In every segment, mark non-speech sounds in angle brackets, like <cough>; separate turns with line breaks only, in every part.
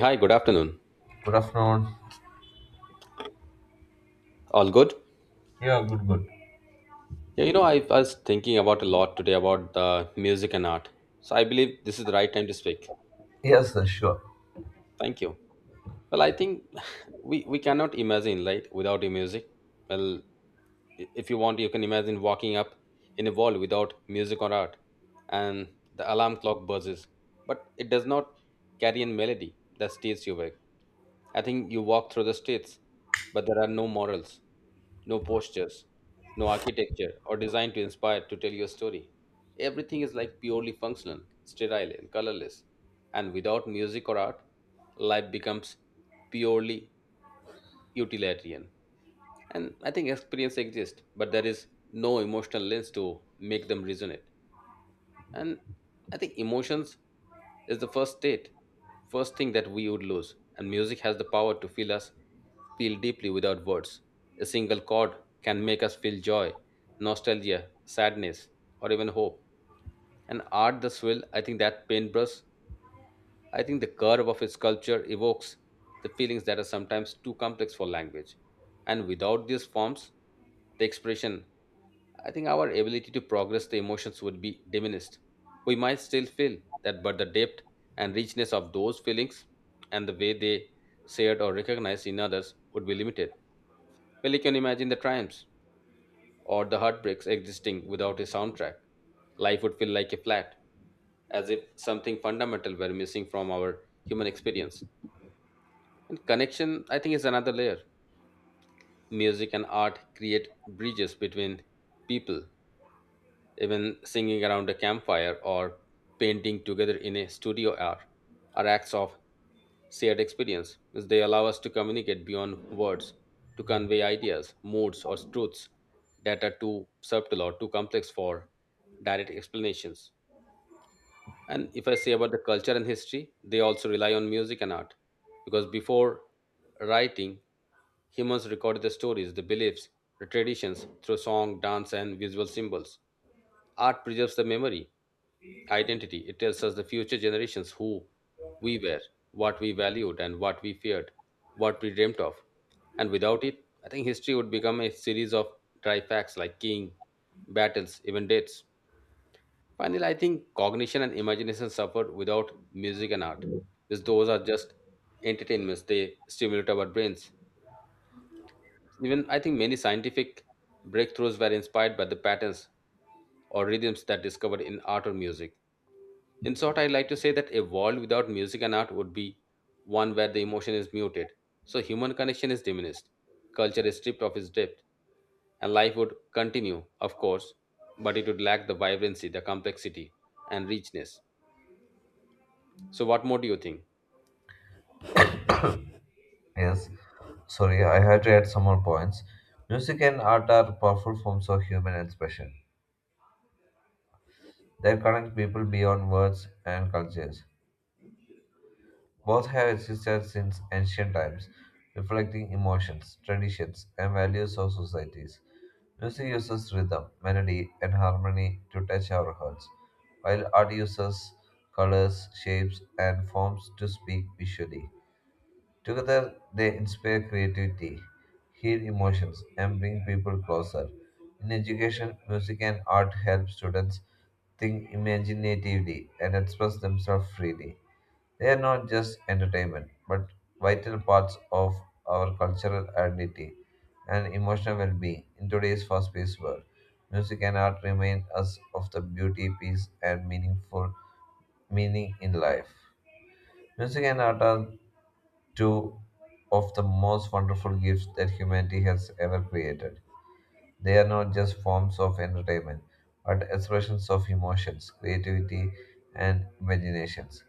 Hi, good afternoon.
Good afternoon.
All good?
Yeah, good, good.
Yeah, you know, I was thinking about a lot today about the music and art. So I believe this is the right time to speak.
Yes, sure.
Thank you. I think <laughs> we cannot imagine, right, without the music. Well, if you want you can imagine walking up in a wall without music or art, and the alarm clock buzzes but it does not carry a melody that stays you awake. I think you walk through the streets but there are no morals, no postures, no architecture or design to inspire to tell your story. Everything is like purely functional, sterile and colorless. And without music or art, life becomes purely utilitarian, and I think experience exists, but there is no emotional lens to make them resonate. And I think emotions is the first state, first thing that we would lose. And music has the power to feel us feel deeply without words. A single chord can make us feel joy, nostalgia, sadness, or even hope. And art the swill, I think that paintbrush, I think the curve of his sculpture evokes the feelings that are sometimes too complex for language. And without these forms, the expression, I think our ability to progress the emotions would be diminished. We might still feel that, but the depth and richness of those feelings and the way they shared or recognized in others would be limited. Well, you can imagine the triumphs or the heartbreaks existing without a soundtrack. Life would feel like a flat, as if something fundamental were missing from our human experience. And connection, I think, is another layer. Music and art create bridges between people, even singing around a campfire or painting together in a studio are acts of shared experience, as they allow us to communicate beyond words, to convey ideas, moods, or truths that are too subtle or too complex for direct explanations. And if I say about the culture and history, they also rely on music and art, because before writing humans record the stories, the beliefs, the traditions through song, dance, and visual symbols. Art preserves the memory, identity. It tells us the future generations who we were, what we valued, and what we feared, what we dreamt of. And without it, I think history would become a series of dry facts like king, battles, even dates. Finally, I think cognition and imagination suffered without music and art, because those are just entertainments. They stimulate our brains. Even I think many scientific breakthroughs were inspired by the patterns or rhythms that discovered in art or music. In short, I like to say that a world without music and art would be one where the emotion is muted, so human connection is diminished, culture is stripped of its depth, and life would continue, of course, but it would lack the vibrancy, the complexity, and richness. So, what more do you think?
Yes. Sorry, I had to add some more points. Music and art are powerful forms of human expression. They connect people beyond words and cultures. Both have existed since ancient times, reflecting emotions, traditions, and values of societies. Music uses rhythm, melody, and harmony to touch our hearts, while art uses colors, shapes, and forms to speak visually. Together, they inspire creativity, heal emotions, and bring people closer. In education, music and art help students think imaginatively and express themselves freely. They are not just entertainment, but vital parts of our cultural identity and emotional well being in today's fast paced world. Music and art remind us of the beauty, peace, and meaningful meaning in life. Music and art are two of the most wonderful gifts that humanity has ever created. They are not just forms of entertainment, but expressions of emotions, creativity, and imaginations.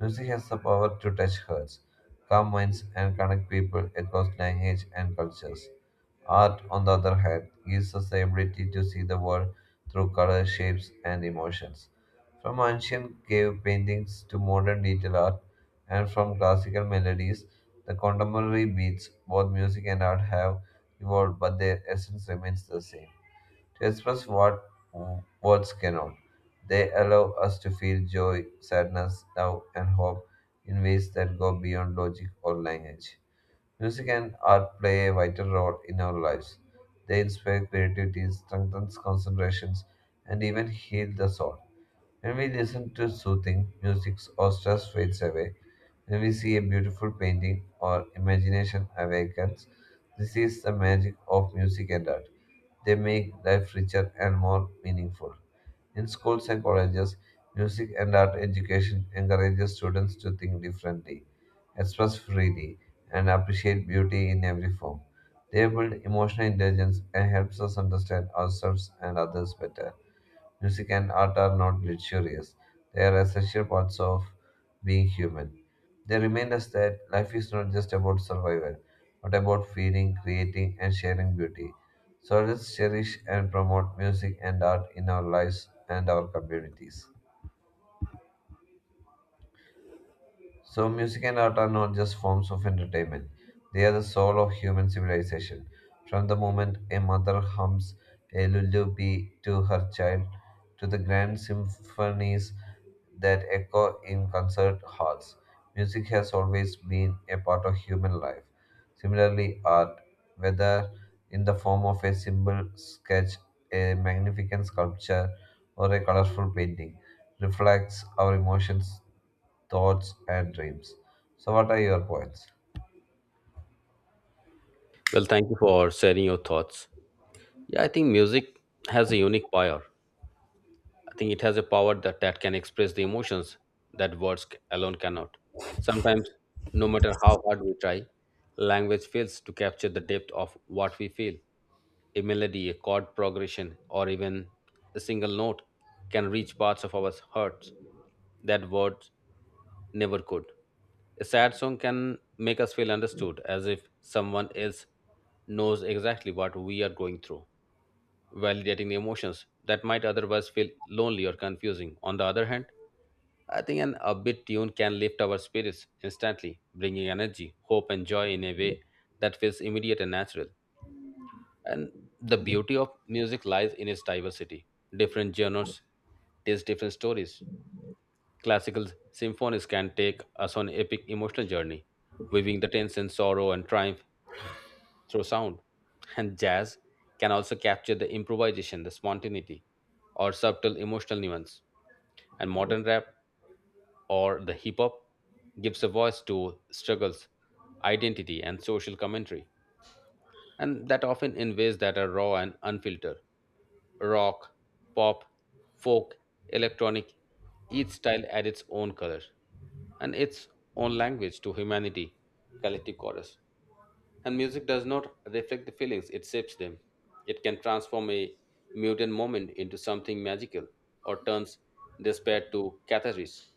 Music has the power to touch hearts, calm minds, and connect people across language and cultures. Art, on the other hand, gives us the ability to see the world through color, shapes, and emotions. From ancient cave paintings to modern detail art, and from classical melodies, the contemporary beats, both music and art have evolve, but their essence remains the same. To express what words cannot, they allow us to feel joy, sadness, love, and hope in ways that go beyond logic or language. Music and art play a vital role in our lives. They inspire creativity, strengthen concentrations, and even heal the soul. When we listen to soothing music or stress fades away, when we see a beautiful painting or imagination awakens, this is the magic of music and art. They make life richer and more meaningful. In schools and colleges, music and art education encourages students to think differently, express freely, and appreciate beauty in every form. They build emotional intelligence and helps us understand ourselves and others better. Music and art are not luxurious, they are essential parts of being human. They remind us that life is not just about survival, but about feeling, creating, and sharing beauty. So let's cherish and promote music and art in our lives and our communities. So, music and art are not just forms of entertainment, they are the soul of human civilization. From the moment a mother hums a lullaby to her child, to the grand symphonies that echo in concert halls, music has always been a part of human life. Similarly, art, whether in the form of a simple sketch, a magnificent sculpture, or a colorful painting, reflects our emotions thoughts, and dreams. So, what are your points?
Well, thank you for sharing your thoughts. Yeah, I think music has a unique power. I think it has a power that can express the emotions that words alone cannot. Sometimes, no matter how hard we try, language fails to capture the depth of what we feel. A melody, a chord progression, or even a single note can reach parts of our hearts that words never could. A sad song can make us feel understood as if someone else knows exactly what we are going through, validating the emotions that might otherwise feel lonely or confusing. On the other hand, I think an upbeat tune can lift our spirits instantly, bringing energy, hope, and joy in a way that feels immediate and natural. And the beauty of music lies in its diversity. Different genres tells different stories. Classical symphonies can take us on epic emotional journey, weaving the tension, sorrow, and triumph through sound. And jazz can also capture the improvisation, the spontaneity, or subtle emotional nuance. And modern rap or the hip hop gives a voice to struggles, identity, and social commentary. And that often in ways that are raw and unfiltered. Rock, pop, folk, electronic, each style adds its own color and its own language to humanity, collective chorus. And music does not reflect the feelings, it shapes them. It can transform a muted moment into something magical or turns despair to catharsis.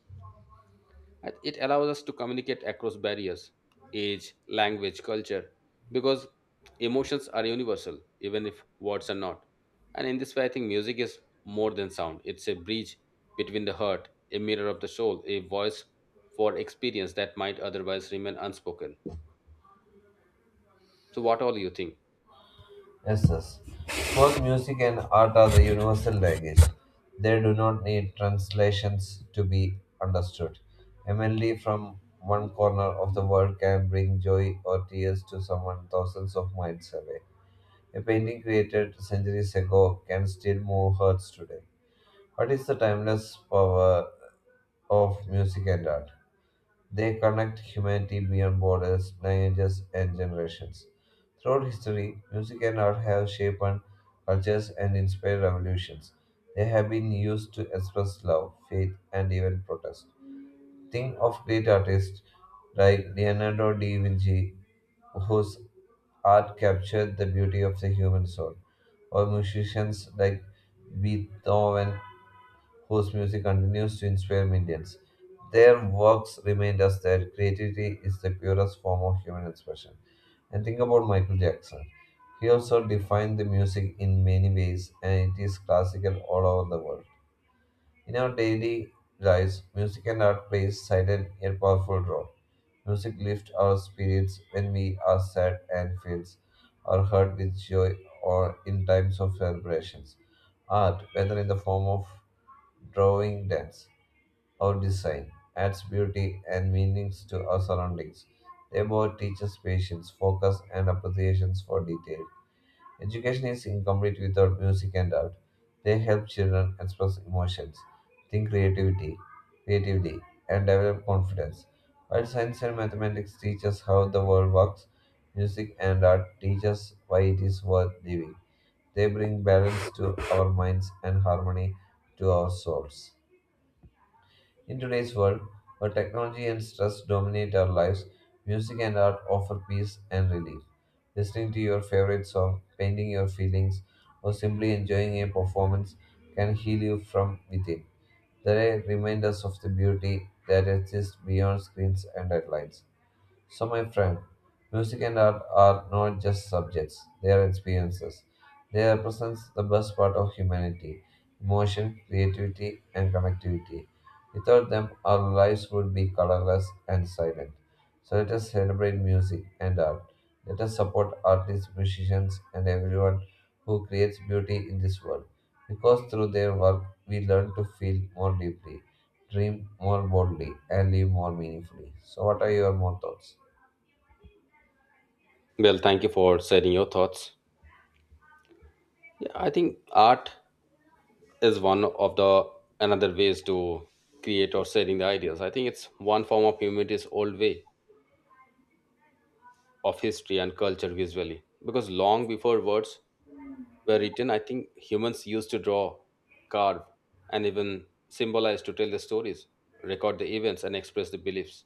And it allows us to communicate across barriers, age, language, culture, because emotions are universal, even if words are not. And in this way, I think music is more than sound. It's a bridge between the heart, a mirror of the soul, a voice for experience that might otherwise remain unspoken. So, what all you think?
Yes, yes. Both music and art are the universal language. They do not need translations to be understood. A melody from one corner of the world can bring joy or tears to someone thousands of miles away. A painting created centuries ago can still move hearts today. What is the timeless power of music and art? They connect humanity beyond borders, languages, and generations. Throughout history, music and art have shaped and cultures and inspired revolutions. They have been used to express love, faith, and even protest. Think of great artists like Leonardo da Vinci, whose art captured the beauty of the human soul, or musicians like Beethoven whose music continues to inspire millions. Their works remind us that creativity is the purest form of human expression. And think about Michael Jackson. He also defined the music in many ways, and it is classical all over the world. In our daily lives, music and art plays silent yet powerful role. Music lifts our spirits when we are sad and fills our heart with joy or in times of celebrations. Art, whether in the form of drawing dance, or design adds beauty and meanings to our surroundings. They both teach us patience, focus, and appreciation for detail. Education is incomplete without music and art. They help children express emotions, think creativity, creatively, and develop confidence. While science and mathematics teach us how the world works, music and art teach us why it is worth living. They bring balance to our minds and harmony to our souls. In today's world, where technology and stress dominate our lives, music and art offer peace and relief. Listening to your favorite song, painting your feelings, or simply enjoying a performance can heal you from within. They remind us of the beauty that exists beyond screens and headlines. So, my friend, music and art are not just subjects, they are experiences. They represent the best part of humanity emotion, creativity, and connectivity. Without them, our lives would be colorless and silent. So, let us celebrate music and art. Let us support artists, musicians, and everyone who creates beauty in this world. Because through their work, we learn to feel more deeply, dream more boldly, and live more meaningfully. So, what are your more thoughts?
Well, thank you for sharing your thoughts. Yeah, I think art is one of the another ways to create or sharing the ideas. I think it's one form of humanity's old way of history and culture visually. Because long before words were written, I think humans used to draw, carve, and even symbolize to tell the stories, record the events, and express the beliefs.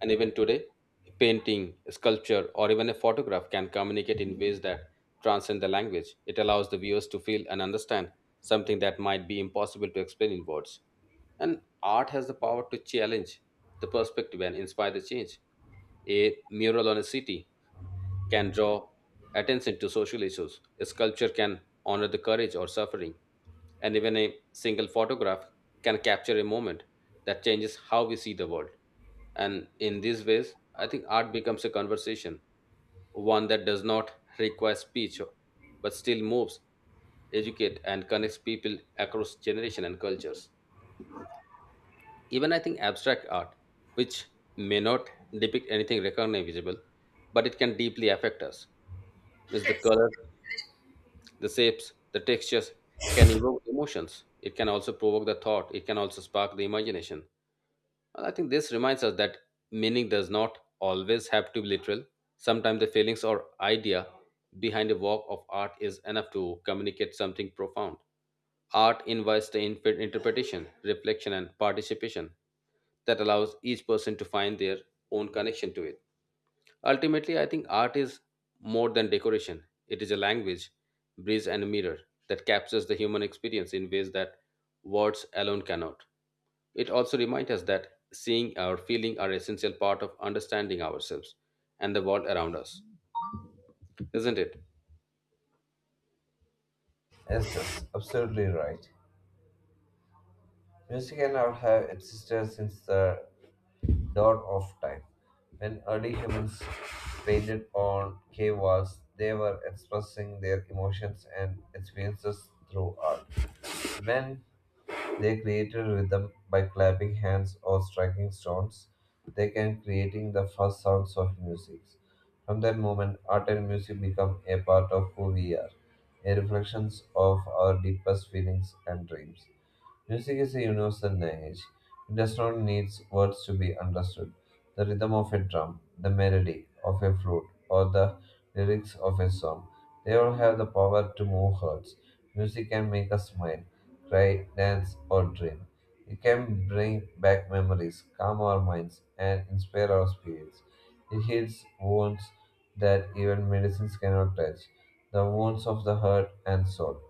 And even today, a painting, a sculpture, or even a photograph can communicate in ways that transcend the language. It allows the viewers to feel and understand something that might be impossible to explain in words. And art has the power to challenge the perspective and inspire the change. A mural on a city can draw attention to social issues. A sculpture can honor the courage or suffering, and even a single photograph can capture a moment that changes how we see the world. And in these ways, I think art becomes a conversation, one that does not require speech but still moves, educates, and connects people across generations and cultures. Even I think abstract art, which may not depict anything recognizable, but it can deeply affect us. Is the color, the shapes, the textures can evoke emotions. It can also provoke the thought. It can also spark the imagination. And I think this reminds us that meaning does not always have to be literal. Sometimes the feelings or idea behind a work of art is enough to communicate something profound. Art invites the interpretation, reflection, and participation that allows each person to find their own connection to it. Ultimately, I think art is more than decoration. It is a language, breeze, and a mirror that captures the human experience in ways that words alone cannot. It also reminds us that seeing or feeling are essential part of understanding ourselves and the world around us, isn't it?
Yes, that's absolutely right. Music and art have existed since the dawn of time. When early humans painted on cave walls, they were expressing their emotions and experiences through art. When they created rhythm by clapping hands or striking stones, they can creating the first sounds of music. From that moment, art and music become a part of who we are, a reflections of our deepest feelings and dreams. Music is a universal language. It does not need words to be understood. The rhythm of a drum, the melody of a flute, or the lyrics of a song, they all have the power to move hearts. Music can make us smile, cry, dance, or dream. It can bring back memories, calm our minds, and inspire our spirits. It heals wounds that even medicines cannot touch, the wounds of the heart and soul.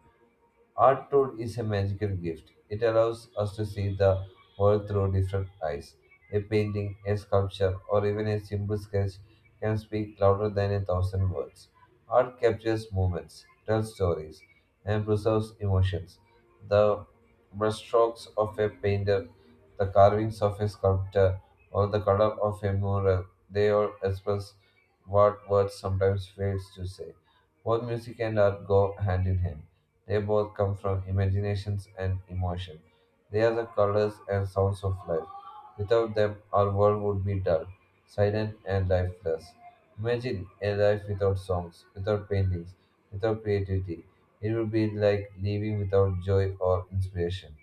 Art tool is a magical gift. It allows us to see the world through different eyes. A painting, a sculpture, or even a simple sketch can speak louder than a thousand words. Art captures moments, tells stories, and preserves emotions. The brushstrokes of a painter, the carvings of a sculptor, or the color of a mural, they all express what words sometimes fails to say. Both music and art go hand in hand they both come from imaginations and emotion. They are the colors and sounds of life. Without them, our world would be dull, silent, and lifeless. Imagine a life without songs, without paintings, without creativity. It would be like living without joy or inspiration.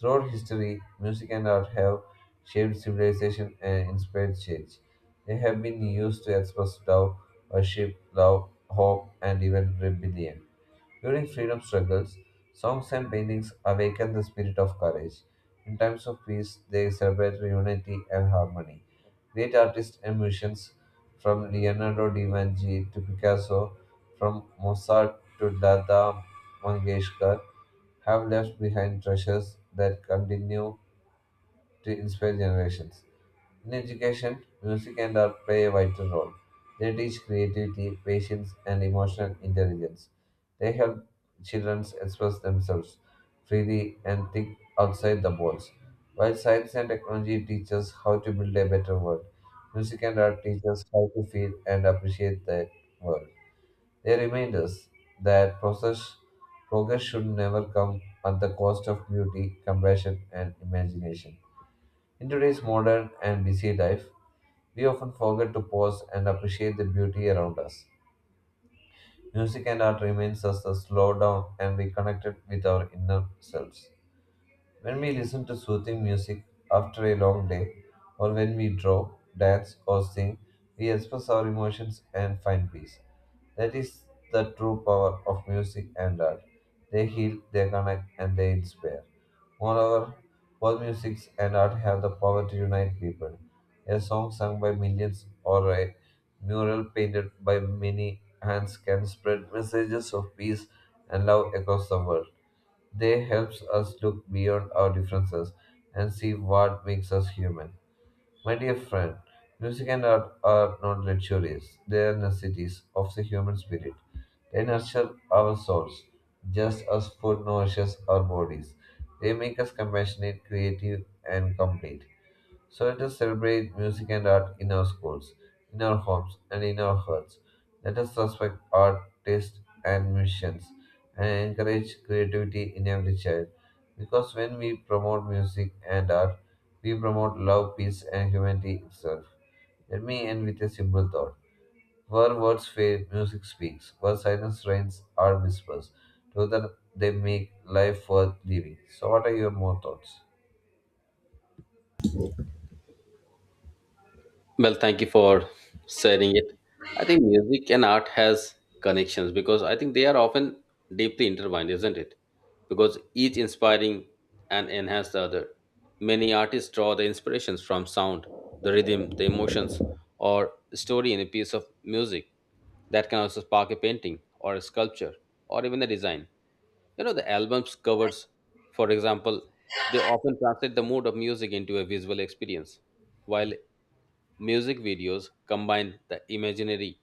Throughout history, music and art have shaped civilization and inspired change. They have been used to express love, worship, love, hope, and even rebellion. During freedom struggles, songs and paintings awaken the spirit of courage. In times of peace, they celebrate unity and harmony. Great artists and musicians from Leonardo da Vinci to Picasso, from Mozart to Lata Mangeshkar, have left behind treasures that continue to inspire generations. In education, music and art play a vital role. They teach creativity, patience, and emotional intelligence. They help children express themselves freely and think outside the box. While science and technology teach us how to build a better world, music and art teach us how to feel and appreciate the world. They remind us that process, progress should never come at the cost of beauty, compassion, and imagination. In today's modern and busy life, we often forget to pause and appreciate the beauty around us. Music and art reminds us to slow down and be connected with our inner selves. When we listen to soothing music after a long day, or when we draw, dance, or sing, we express our emotions and find peace. That is the true power of music and art. They heal, they connect, and they inspire. Moreover, both music and art have the power to unite people. A song sung by millions or a mural painted by many hands can spread messages of peace and love across the world. They helps us look beyond our differences and see what makes us human. My dear friend, music and art are not luxuries, they are necessities of the human spirit. They nurture our souls, just as food nourishes our bodies. They make us compassionate, creative, and complete. So let us celebrate music and art in our schools, in our homes, and in our hearts. Let us respect art, taste, and musicians, and encourage creativity in every child. Because when we promote music and art, we promote love, peace, and humanity itself. Let me end with a simple thought. Where words fail, music speaks. Where silence reigns, art whispers. Together they make life worth living. So, what are your more thoughts?
Well, thank you for sharing it. I think music and art has connections because I think they are often deeply intertwined, isn't it? Because each inspiring and enhance the other. Many artists draw the inspirations from sound, the rhythm, the emotions, or story in a piece of music. That can also spark a painting or a sculpture or even a design. You know, the album's covers, for example, they often translate the mood of music into a visual experience, while music videos combine the imaginary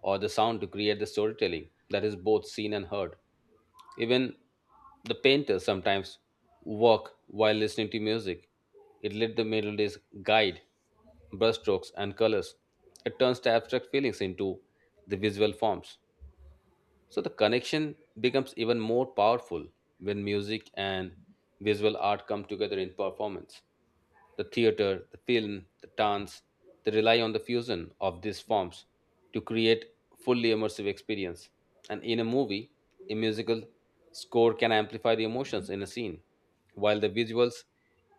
or the sound to create the storytelling that is both seen and heard. Even the painters sometimes work while listening to music. It let the melodies guide brushstrokes and colors. It turns the abstract feelings into the visual forms. So the connection becomes even more powerful when music and visual art come together in performance, the theater, the film, the dance, they rely on the fusion of these forms to create fully immersive experience. And in a movie, a musical score can amplify the emotions in a scene, while the visuals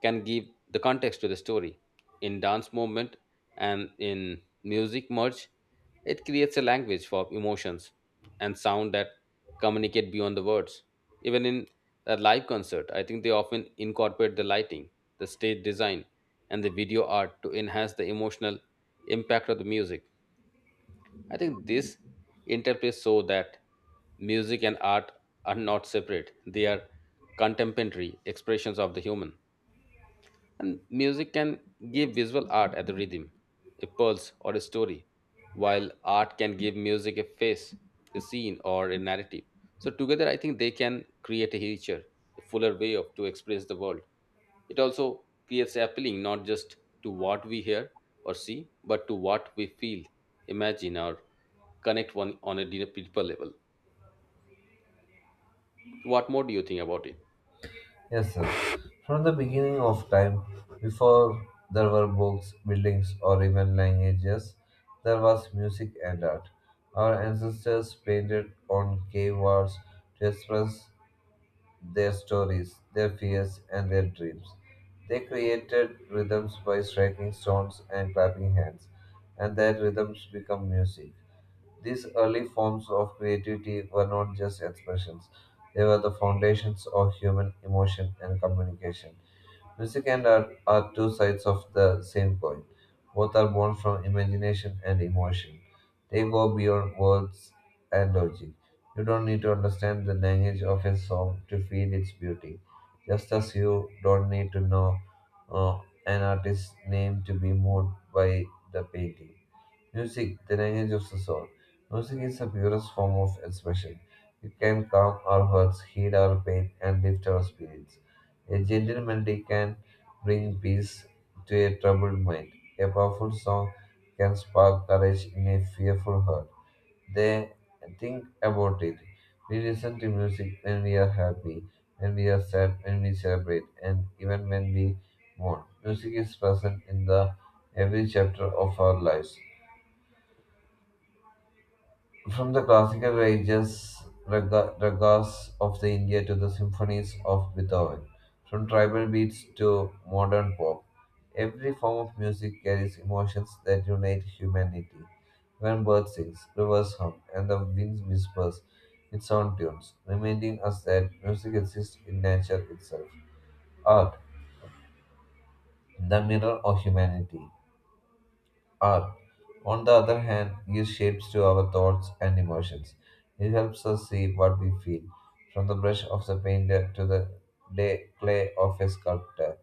can give the context to the story. In dance movement and in music merge, it creates a language for emotions and sound that communicate beyond the words. Even in a live concert, I think they often incorporate the lighting, the stage design, and the video art to enhance the emotional impact of the music. I think this interplay so that music and art are not separate, they are contemporary expressions of the human. And music can give visual art at the rhythm, a pulse, or a story, while art can give music a face, a scene, or a narrative. So together, I think they can create a richer, a fuller way of to express the world. It also creates appealing not just to what we hear or see, but to what we feel, imagine, or connect one on a deeper level. What more do you think about it?
Yes, sir. From the beginning of time, before there were books, buildings, or even languages, there was music and art. Our ancestors painted on cave walls to express their stories, their fears, and their dreams. They created rhythms by striking stones and clapping hands, and their rhythms become music. These early forms of creativity were not just expressions, they were the foundations of human emotion and communication. Music and art are two sides of the same coin. Both are born from imagination and emotion. They go beyond words and logic. You don't need to understand the language of a song to feel its beauty, just as you don't need to know uh, an artist's name to be moved by the painting. Music, the language of the soul. Music is the purest form of expression. It can calm our hurts, heal our pain, and lift our spirits. A gentle melody can bring peace to a troubled mind. A powerful song can spark courage in a fearful heart. They think about it. We listen to music when we are happy, when we are sad, when we celebrate, and even when we mourn. Music is present in the every chapter of our lives. From the classical ragas of the India to the symphonies of Beethoven, from tribal beats to modern pop, every form of music carries emotions that unite humanity. When bird sings, rivers hum, and the winds whispers its own tunes, reminding us that music exists in nature itself. Art, the mirror of humanity. Art, on the other hand, gives shapes to our thoughts and emotions. It helps us see what we feel, from the brush of the painter to the clay of a sculptor,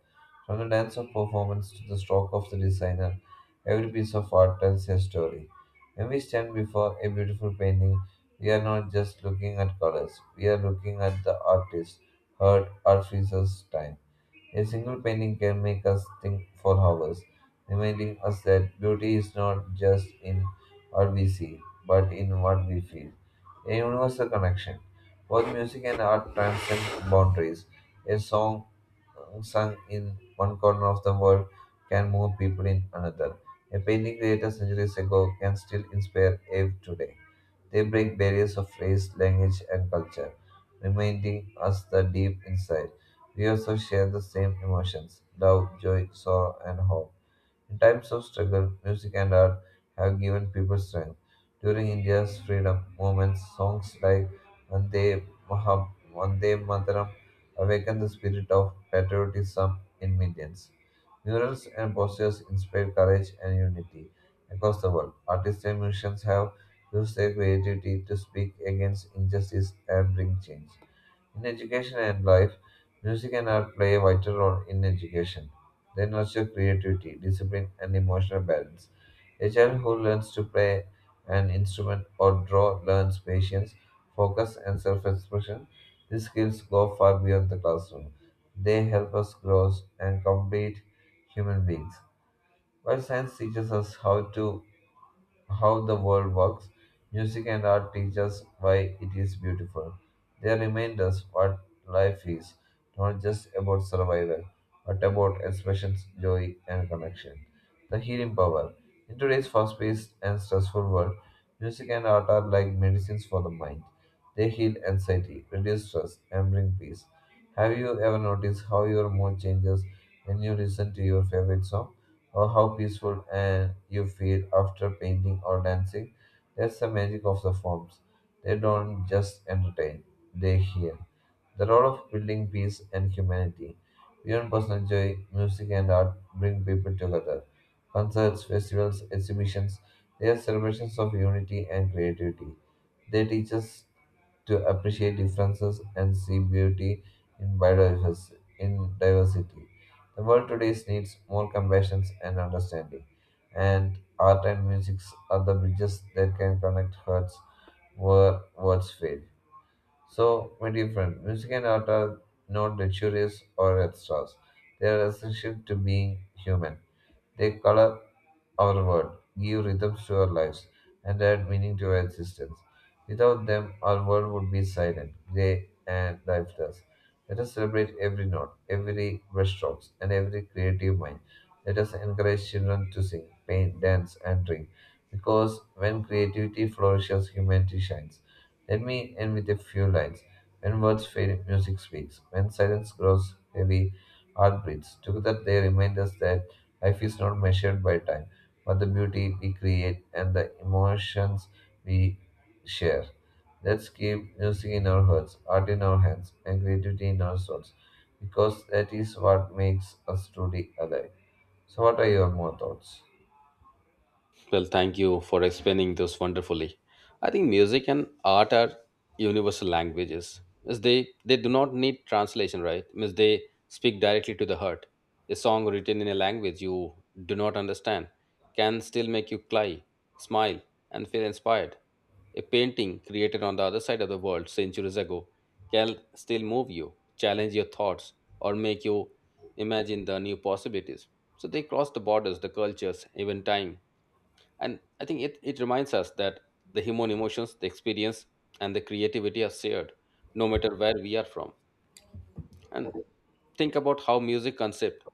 from the dance of performance to the stroke of the designer. Every piece of art tells a story. When we stand before a beautiful painting, we are not just looking at colors, we are looking at the artist, heart, artificer's time. A single painting can make us think for hours, reminding us that beauty is not just in what we see, but in what we feel. A universal connection. Both music and art transcend boundaries. A song sung in one corner of the world can move people in another. A painting created centuries ago can still inspire Eve today. They break barriers of race, language, and culture, reminding us the deep inside. We also share the same emotions love, joy, sorrow, and hope. In times of struggle, music and art have given people strength. During India's freedom movement, songs like Vande, Maha, Vande Mataram awakened the spirit of patriotism in millions. Murals and posters inspired courage and unity across the world. Artists and musicians have used their creativity to speak against injustice and bring change. In education and life, music and art play a vital role in education. They nurture creativity, discipline, and emotional balance. A child who learns to play an instrument or draw learns patience, focus, and self expression. These skills go far beyond the classroom. They help us grow and complete human beings. While science teaches us how the world works, music and art teach us why it is beautiful. They remind us what life is, not just about survival, but about expression, joy, and connection. The healing power. In today's fast paced and stressful world, music and art are like medicines for the mind. They heal anxiety, reduce stress, and bring peace. Have you ever noticed how your mood changes when you listen to your favorite song? Or how peaceful and you feel after painting or dancing. That's the magic of the forms. They don't just entertain, they heal. The role of building peace and humanity. Beyond personal joy, music and art bring people together. Concerts, festivals, exhibitions, they are celebrations of unity and creativity. They teach us to appreciate differences and see beauty in biodiversity. In diversity. The world today needs more compassion and understanding, and art and music are the bridges that can connect hearts where words fail. So, my dear friend, music and art are not luxurious or extras. They are essential to being human. They color our world, give rhythms to our lives, and add meaning to our existence. Without them, our world would be silent, grey, and lifeless. Let us celebrate every note, every brushstroke, and every creative mind. Let us encourage children to sing, paint, dance, and drink, because when creativity flourishes, humanity shines. Let me end with a few lines. When words fail, music speaks. When silence grows heavy, art breathes. Together they remind us that life is not measured by time but the beauty we create and the emotions we share. Let's keep music in our hearts, art in our hands, and creativity in our souls, because that is what makes us truly alive. So, what are your more thoughts?
Well, thank you for explaining this wonderfully. I think music and art are universal languages. Means they do not need translation, right? Means they speak directly to the heart. A song written in a language you do not understand can still make you cry, smile, and feel inspired. A painting created on the other side of the world centuries ago can still move you, challenge your thoughts, or make you imagine the new possibilities. So they cross the borders, the cultures, even time, and I think it reminds us that the human emotions, the experience, and the creativity are shared, no matter where we are from. And think about how music concept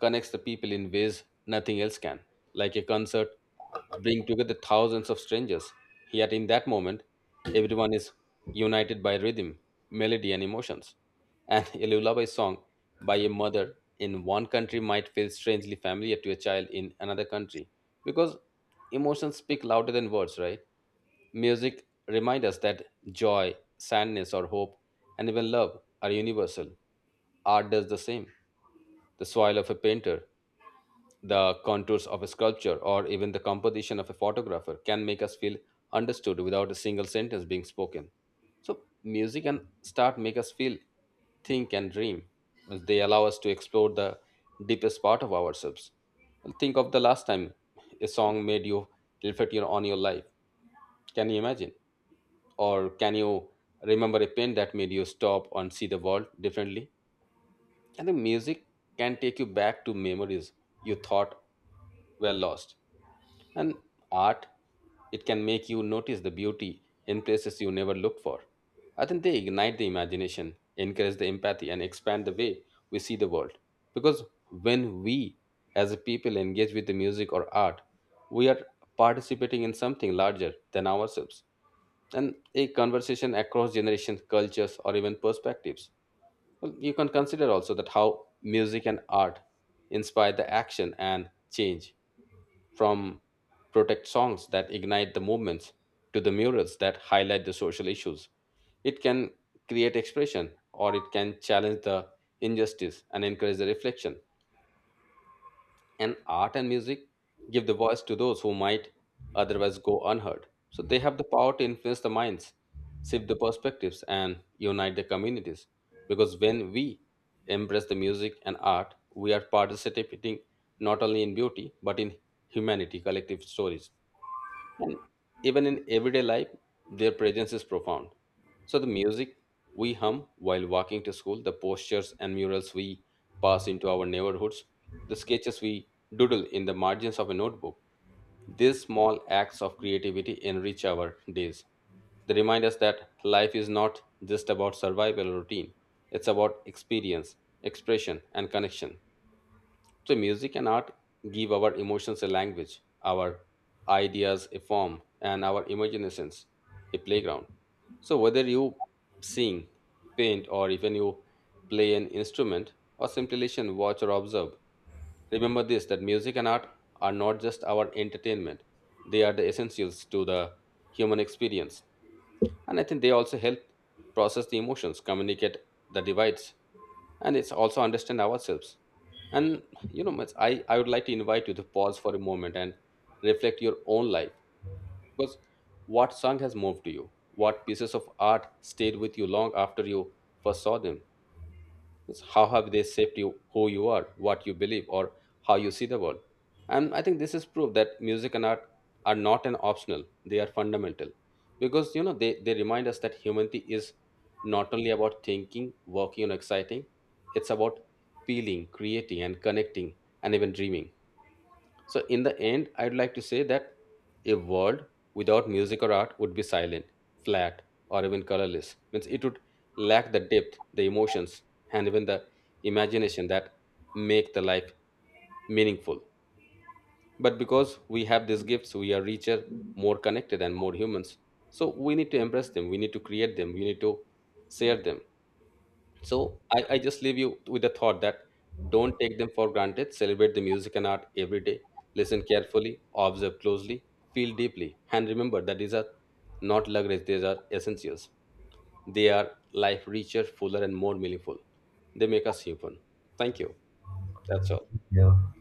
connects the people in ways nothing else can. Like a concert, bring together thousands of strangers. Yet in that moment, everyone is united by rhythm, melody, and emotions. And <laughs> a lullaby song by a mother in one country might feel strangely familiar to a child in another country, because emotions speak louder than words, right? Music reminds us that joy, sadness, or hope, and even love are universal. Art does the same. The soil of a painter, the contours of a sculpture, or even the composition of a photographer can make us feel understood without a single sentence being spoken. So, music and start make us feel, think, and dream. Means they allow us to explore the deepest part of ourselves. Well, think of the last time a song made you on your life. Can you imagine? Or can you remember a pain that made you stop and see the world differently? And the music can take you back to memories you thought were lost. And art, it can make you notice the beauty in places you never looked for. I think they ignite the imagination, encourage the empathy, and expand the way we see the world. Because when we, as a people, engage with the music or art, we are participating in something larger than ourselves, and a conversation across generations, cultures, or even perspectives. Well, you can consider also that how music and art inspire the action and change, from protest songs that ignite the movements to the murals that highlight the social issues. It can create expression, or it can challenge the injustice and encourage the reflection. And art and music give the voice to those who might otherwise go unheard. So they have the power to influence the minds, shift the perspectives, and unite the communities. Because when we embrace the music and art, we are participating not only in beauty but in humanity collective stories. And even in everyday life, their presence is profound. So the music we hum while walking to school, the postures and murals we pass into our neighborhoods, the sketches we doodle in the margins of a notebook, these small acts of creativity enrich our days. They remind us that life is not just about survival or routine, it's about experience, expression, and connection. So, music and art give our emotions a language, our ideas a form, and our imaginations a playground. So, whether you sing, paint, or even you play an instrument, or simply listen, watch, or observe, remember this, that music and art are not just our entertainment, they are the essentials to the human experience. And I think they also help process the emotions, communicate the divides, and it's also understand ourselves. And Mats, I would like to invite you to pause for a moment and reflect your own life. Because what song has moved to you? What pieces of art stayed with you long after you first saw them? It's how have they shaped you, who you are, what you believe, or how you see the world? And I think this is proof that music and art are not an optional; they are fundamental, because they remind us that humanity is not only about thinking, working, and exciting; it's about feeling, creating, and connecting, and even dreaming. So, in the end, I'd like to say that a world without music or art would be silent, flat, or even colorless. Means it would lack the depth, the emotions, and even the imagination that make the life meaningful. But because we have these gifts, we are richer, more connected, and more humans. So we need to embrace them. We need to create them. We need to share them. So I just leave you with the thought that don't take them for granted. Celebrate the music and art every day. Listen carefully, observe closely, feel deeply, and remember that these are not luxuries, these are essentials. They are life richer, fuller, and more meaningful. They make us human. Thank you. That's all.
Yeah.